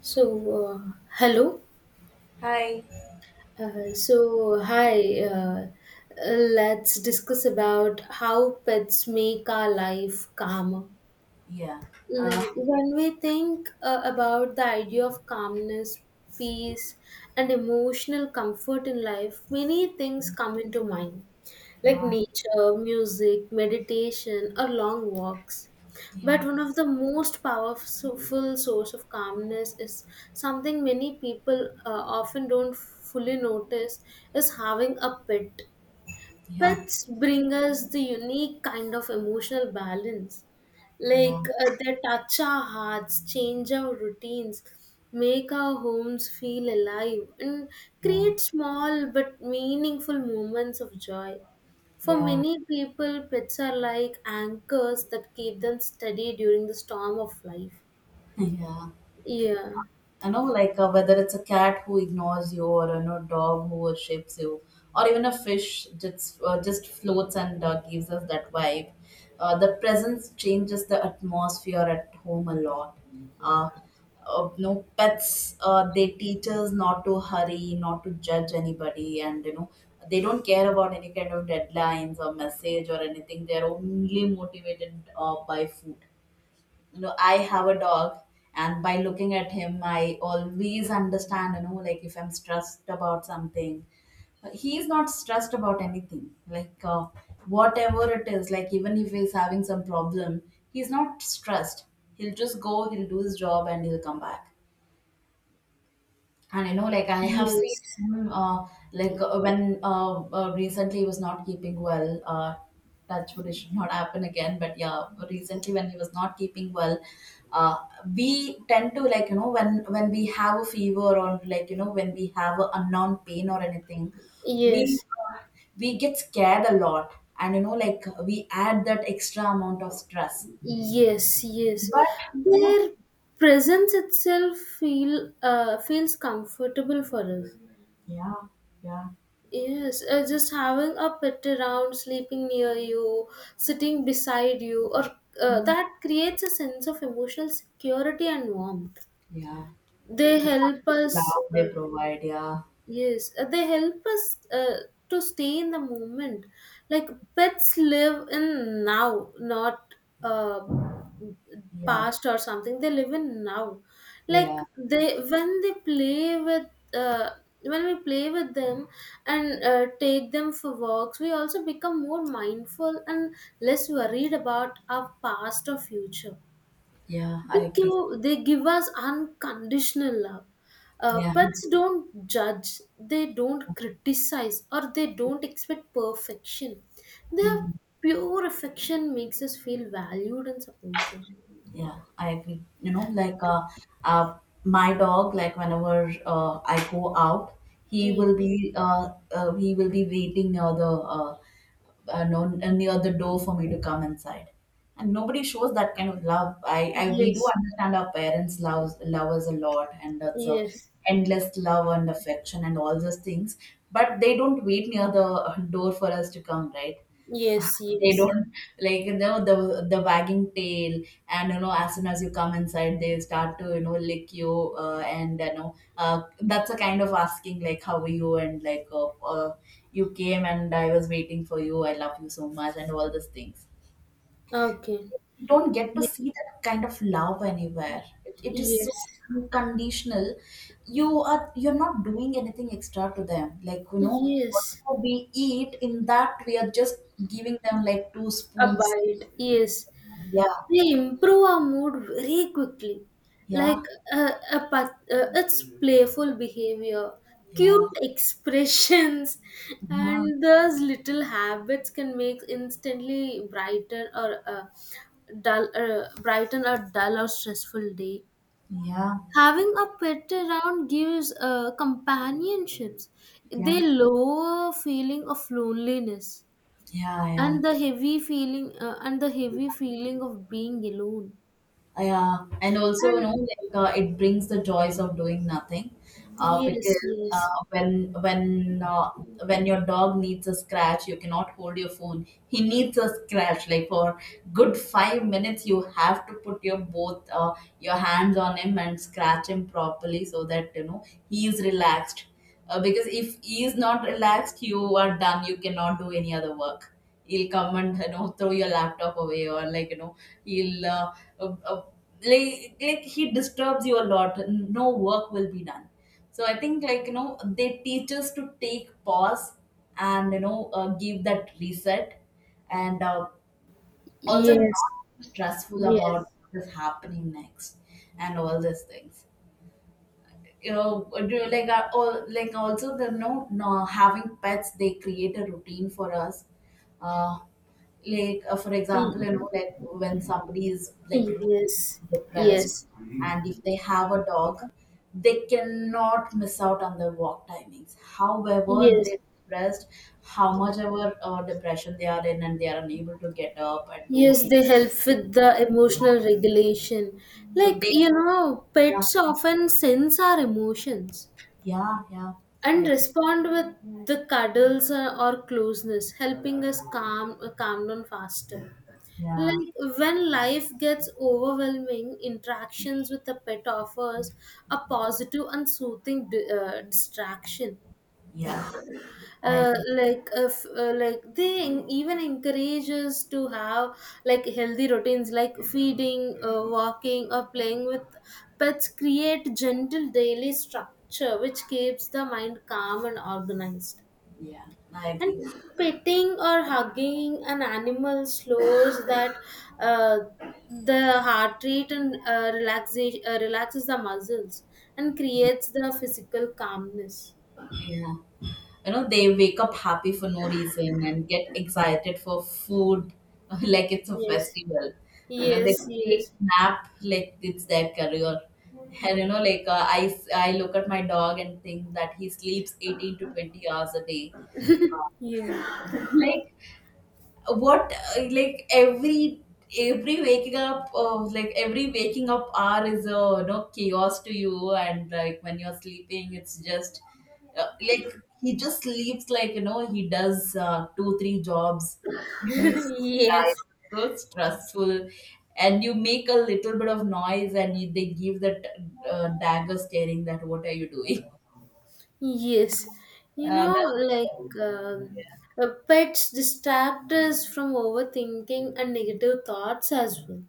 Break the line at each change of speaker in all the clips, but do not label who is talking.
So, uh, hello.
Hi.
Hi. Let's discuss about how pets make our life calmer.
Yeah. Uh,
Like when we think about the idea of calmness, peace, and emotional comfort in life, many things come into mind, like nature, music, meditation, or long walks.
yeah,
But
yeah,
one of the most powerful source of calmness is something many people often don't fully notice is having a pet. Pets bring us the unique kind of emotional balance.
yeah,
Like they touch our hearts, change our routines, make our homes feel alive, and
yeah,
create small but meaningful moments of joy. For
yeah,
many people, pets are like anchors that keep them steady during the storm of life.
yeah.
Yeah.
Like whether it's a cat who ignores you, or dog who worships you, or even a fish just floats and gives us that vibe. Uh, the presence changes the atmosphere at home a lot uh, no pets, they teach us not to hurry, not to judge anybody. And they don't care about any kind of deadlines or message or anything. They're only motivated by food. You know, I have a dog, and by looking at him I always understand, you know, like if I'm stressed about something, he's not stressed about anything. Like, whatever it is, like even if he's having some problem, he's not stressed. He'll just go, he'll do his job, and he'll come back. And you know, like I have seen
Yes.
him, like when recently he was not keeping well. Touch wood, it should not happen again. But yeah, recently when he was not keeping well, uh, we tend to, like, you know, when we have a fever, or like, you know, when we have a unknown pain or anything, we
Yes.
uh, we get scared a lot, and you know, like we add that extra amount of stress.
Yes, yes.
But, you know,
Their presence itself feels comfortable for us.
yeah, yeah,
Yes, just having a pet around, sleeping near you, sitting beside you, or
mm,
that creates a sense of emotional security and warmth.
yeah.
They
The kind
help
of
us.
love they provide, yeah,
Yes, they help us to stay in the moment. Like pets live in now, not uh,
yeah,
past or something. They live in now. Like
yeah,
they when they play with uh, when we play with them and take them for walks, we also become more mindful and less worried about our past or future.
yeah.
They
I agree.
give, they give us unconditional love.
Yeah,
Pets don't judge, they don't criticize, or they don't expect perfection. Their
mm,
pure affection makes us feel valued and supported.
yeah, I agree. You know, like, uh, my dog, like whenever I go out,
Yes,
he will be waiting near the and on any other door for me to come inside. And nobody shows that kind of love. I We do
yes,
understand our parents love us a lot, and that's a
yes,
endless love and affection and all those things. But they don't wait near the door for us to come, right?
yes,
They
yes.
don't, like, you know, the wagging tail, and you know, as soon as you come inside, they start to, you know, lick you, and that's a kind of asking like, how are you? And like, uh, you came and I was waiting for you, I love you so much, and all these things.
Okay.
Don't get to
Ye-
see that kind of love anywhere. It is so
Yes,
unconditional. You are, you're not doing anything extra to them. Like, you know,
yes.
whatever we eat, in that we are just giving them like two spoons.
Abide. Yes.
Yeah,
They improve our mood very quickly. Like
yeah,
its playful behavior,
yeah,
cute expressions,
yeah,
and those little habits can make instantly brighten or brighten a dull or stressful day.
yeah,
Having a pet around gives companionships. They
yeah,
lower feeling of loneliness
yeah, yeah.
and the heavy feeling and the heavy feeling of being alone
Yeah, and also, you
and
know, like, it brings the joys of doing nothing.
yes,
Because
yes,
uh, when when your dog needs a scratch, you cannot hold your phone. He needs a scratch. Like for good 5 minutes, you have to put your both, your hands on him and scratch him properly, so that, you know, he is relaxed. Because if he is not relaxed, you are done. You cannot do any other work. He'll come and, you know, throw your laptop away, or like, you know, he'll uh, uh, like, he disturbs you a lot. No work will be done. So I think, like, you know, they teach us to take pause, and give that reset, and also not
yes,
be stressful
yes,
about what is happening next, and all these things. You know, do like, all, like also the no, no having pets, they create a routine for us. uh like, for
y-
example, you know, like, when somebody is like really
yes,
depressed,
yes,
and if they have a dog, they cannot miss out on the walk timings however
yes,
they're depressed, how much ever depression they are in and they are unable to get up and do
yes, they
anything.
help with the emotional regulation.
So
Like,
they,
you know,
yeah,
pets often sense our emotions,
yeah, yeah, I
and
agree.
respond with the cuddles or closeness, helping us calm down faster.
Yeah,
Like when life gets overwhelming, interactions with a pet offers a positive and soothing distraction,
yeah, I agree.
like if like they even encourage us to have like healthy routines like feeding, walking or playing with pets. Create gentle daily structure which keeps the mind calm and organized,
Yeah, I
and
agree.
petting or hugging an animal slows that, uh, the heart rate, and relaxation relaxes the muscles and creates the physical calmness.
Yeah. You know, they wake up happy for no reason and get excited for food. Like it's a
Yes,
festival. You know, they
yes, yes.
take nap like it's their career. And, you know, like, I look at my dog and think that he sleeps 18 to 20 hours a day.
Yeah.
It's like, what? Like, every waking up hour is a, you know, chaos to you. And like when you're sleeping, it's just, like he just sleeps, like, you know, he does two three jobs, and he's so tired,
Yes.
so stressful. And you make a little bit of noise and they give that dagger staring that, what are you doing?
Yes. You know,
That's,
like um, pets distract us from overthinking and negative thoughts as well.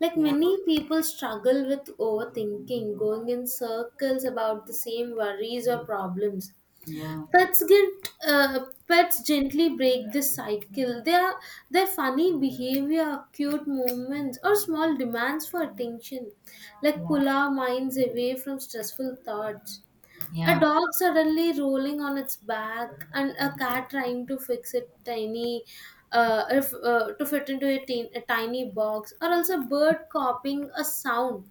Like
yeah,
many people struggle with overthinking, going in circles about the same worries or problems.
yeah,
Pets get uh, pets gently break this cycle. Their funny behavior, cute movements, or small demands for attention, like
yeah,
pull our minds away from stressful thoughts. A
yeah,
dog suddenly rolling on its back, and a cat trying to fix it tiny. If, to fit into a tiny box, or also a bird copying a sound,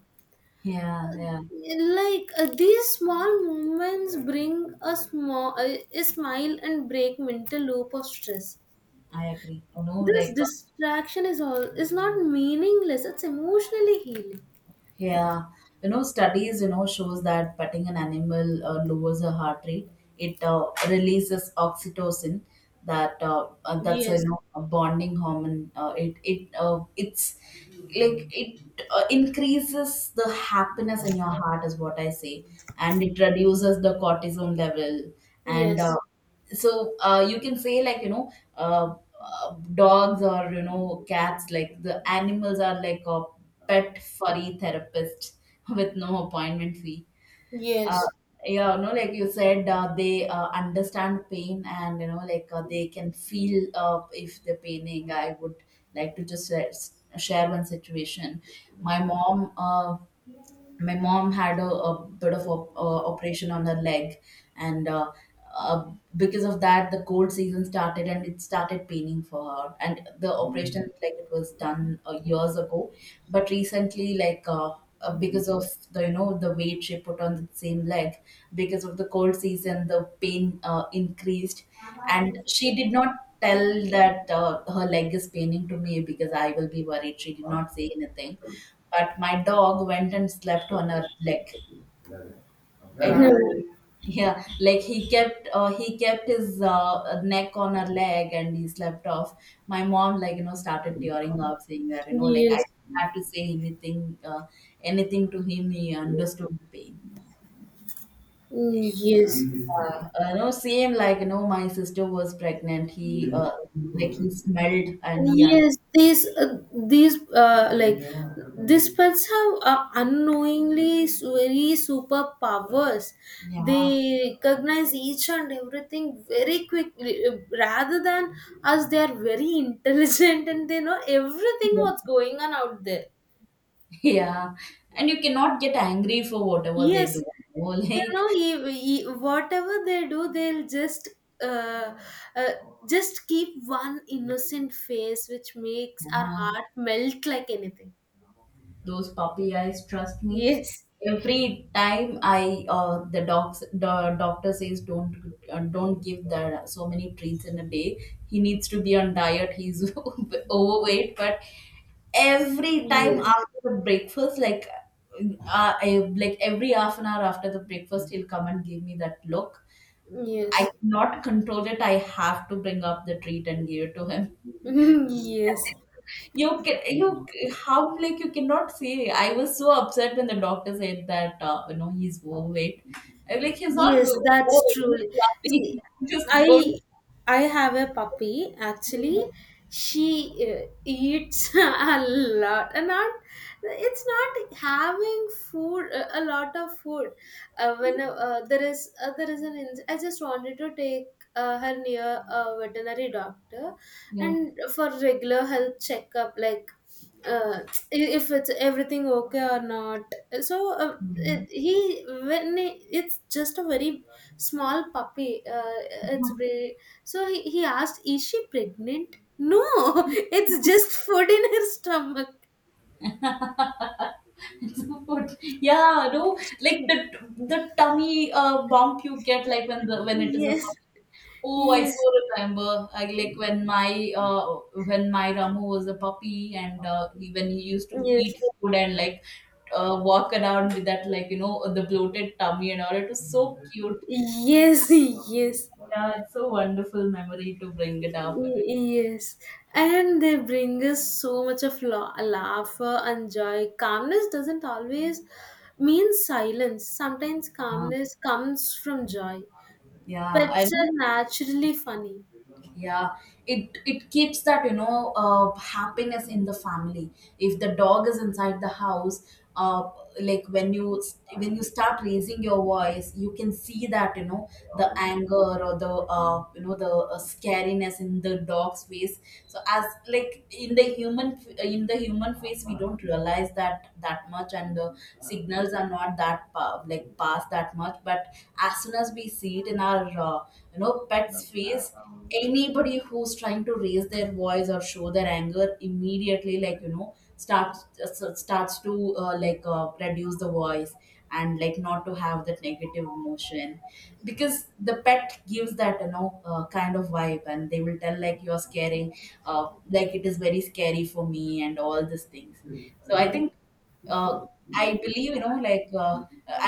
yeah, yeah,
like these small movements bring a small a smile and break mental loop of stress.
I agree. You know,
This
like,
distraction is all is not meaningless, it's emotionally healing.
yeah, you know, studies, you know, shows that petting an animal lowers the heart rate. It releases oxytocin, that that's a,
Yes,
you know, a bonding hormone. It it's like it increases the happiness in your heart, is what I say, and it reduces the cortisol level. And
yes,
so, you can say, like, you know, dogs or, you know, cats, like the animals are like a pet furry therapist with no appointment fee. uh,
yes,
yeah, no, like you said, they understand pain, and, you know, like, they can feel, if they're paining. I would like to just share one situation. my mom uh, my mom had a bit of a operation on her leg, and uh, because of that the cold season started and it started paining for her. And the operation, like it was done years ago, but recently, like, because of the, you know, the weight she put on the same leg, because of the cold season, the pain increased. And she did not tell that her leg is paining to me because I will be worried. She did not say anything. But my dog went and slept on her leg, you
yes,
know. Yeah, like, he kept, he kept his neck on her leg and he slept off. My mom, like, you know, started tearing up, saying that, you know, like, I
yes.
had to say anything, anything to him. He understood the pain.
Mm, yes.
No, same, like, you know, my sister was pregnant, he, like, he smelled and he understood.
Yes, these like these pets have unknowingly very superpowers.
Yeah,
They recognize each and everything very quickly, rather than us. They are very intelligent and they know everything
yeah,
what's going on out there.
yeah. And you cannot get angry for whatever they
Yes,
do, you know.
you
Like,
know, whatever they do they'll uh, uh, just keep one innocent face which makes our
yeah.
heart melt like anything.
Those puppy eyes, trust me.
Yes,
Every time I, the docs the doctor says, don't, don't give the so many treats in a day. He needs to be on diet. He's overweight. But every time
yes.
after the breakfast, like, like every half an hour after the breakfast, he'll come and give me that look. I
Yes.
cannot control it. I have to bring up the treat and give it to him.
Yes.
You can, you, how, like, you cannot say. I was so upset when the doctor said that, you know, he's overweight. I'm like, he's not
Yes, that's
overweight.
true.
He's
See,
fluffy. Just don't.
I I have a puppy actually. She eats a lot, and not it's not having food a lot of food. When there is an I just wanted to take her near a veterinary doctor,
Yeah.
and for regular health checkup like uh, if it's everything okay or not. So
Mhm.
it, he when he, it's just a very small puppy, it's very. So he asked is she pregnant? No, it's just food in her stomach.
So what- yeah, no, like the tummy bump you get, like when, the when it is a,
Yes,
oh, I
yes,
so remember. I, like when my Ramu was a puppy, and he, when he used to
yes,
eat food, and like walk around with that, like, you know, the bloated tummy and all. It was so cute.
yes. Yes.
Yeah, it's so wonderful memory to bring it up.
Yes, and they bring us so much of laughter and joy. Calmness doesn't always mean silence. Sometimes
Yeah,
calmness comes from joy.
yeah. I
Pets
know,
are naturally funny.
yeah, it keeps that, you know, happiness in the family, if the dog is inside the house. uh, like, when you, when you start raising your voice, you can see that, you know, the anger, or the, you know, the scariness in the dog's face. So, as like in the human, in the human face, we don't realize that that much, and the signals are not that pa-, like, past that much. But as soon as we see it in our, you know, pet's face, anybody who's trying to raise their voice or show their anger immediately, like, you know, starts to, like, reduce the voice, and like not to have that negative emotion, because the pet gives that, you know, kind of vibe, and they will tell like, you're scaring, like, it is very scary for me, and all these things. So I think, uh, I believe, you know, like,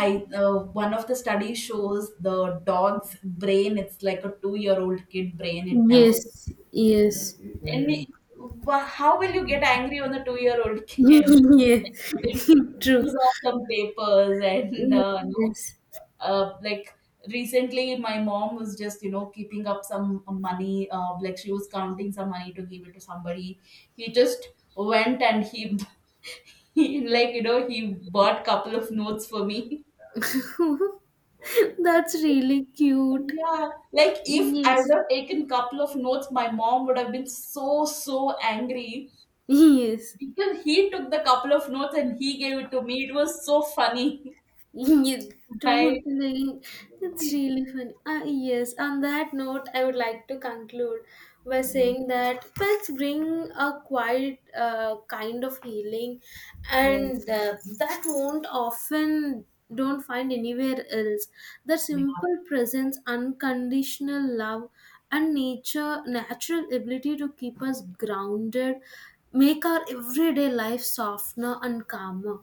I one of the studies shows, the dog's brain, it's like a 2-year old kid brain. It never,
Yes, yes.
and we- how will you get angry on a 2-year old kid?
Yes.
Like, when
True.
it off some papers, and no,
Yes.
like recently my mom was just, you know, keeping up some money, like, she was counting some money to give it to somebody. He just went, and he, like, you know, he bought couple of notes for me.
That's really cute.
Yeah, like, if I would
Yes,
have taken couple of notes, my mom would have been so so angry.
yes.
Because he took the couple of notes and he gave it to me, it was so funny.
You
Right.
totally. That's really funny. Ah, yes. On that note, I would like to conclude by
Yeah,
saying that pets bring a quiet kind of healing,
yeah,
and that won't often don't find anywhere else. The simple presence, unconditional love, and nature natural ability to keep us grounded, make our everyday life softer and calmer.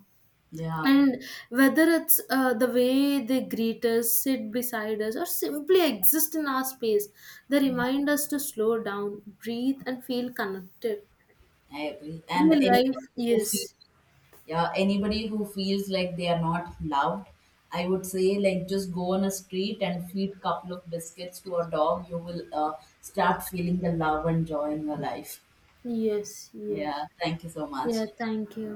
yeah,
And whether it's the way they greet us, sit beside us, or simply exist in our space, they
yeah,
remind us to slow down, breathe, and feel connected
I agree.
in
And
life.
anybody who
Yes,
feel, yeah, anybody who feels like they are not loved, I would say, like, just go on a street and feed couple of biscuits to a dog. You will, start feeling the love and joy in your life.
yes, yes.
Yeah. Thank you so much.
Yeah, thank you.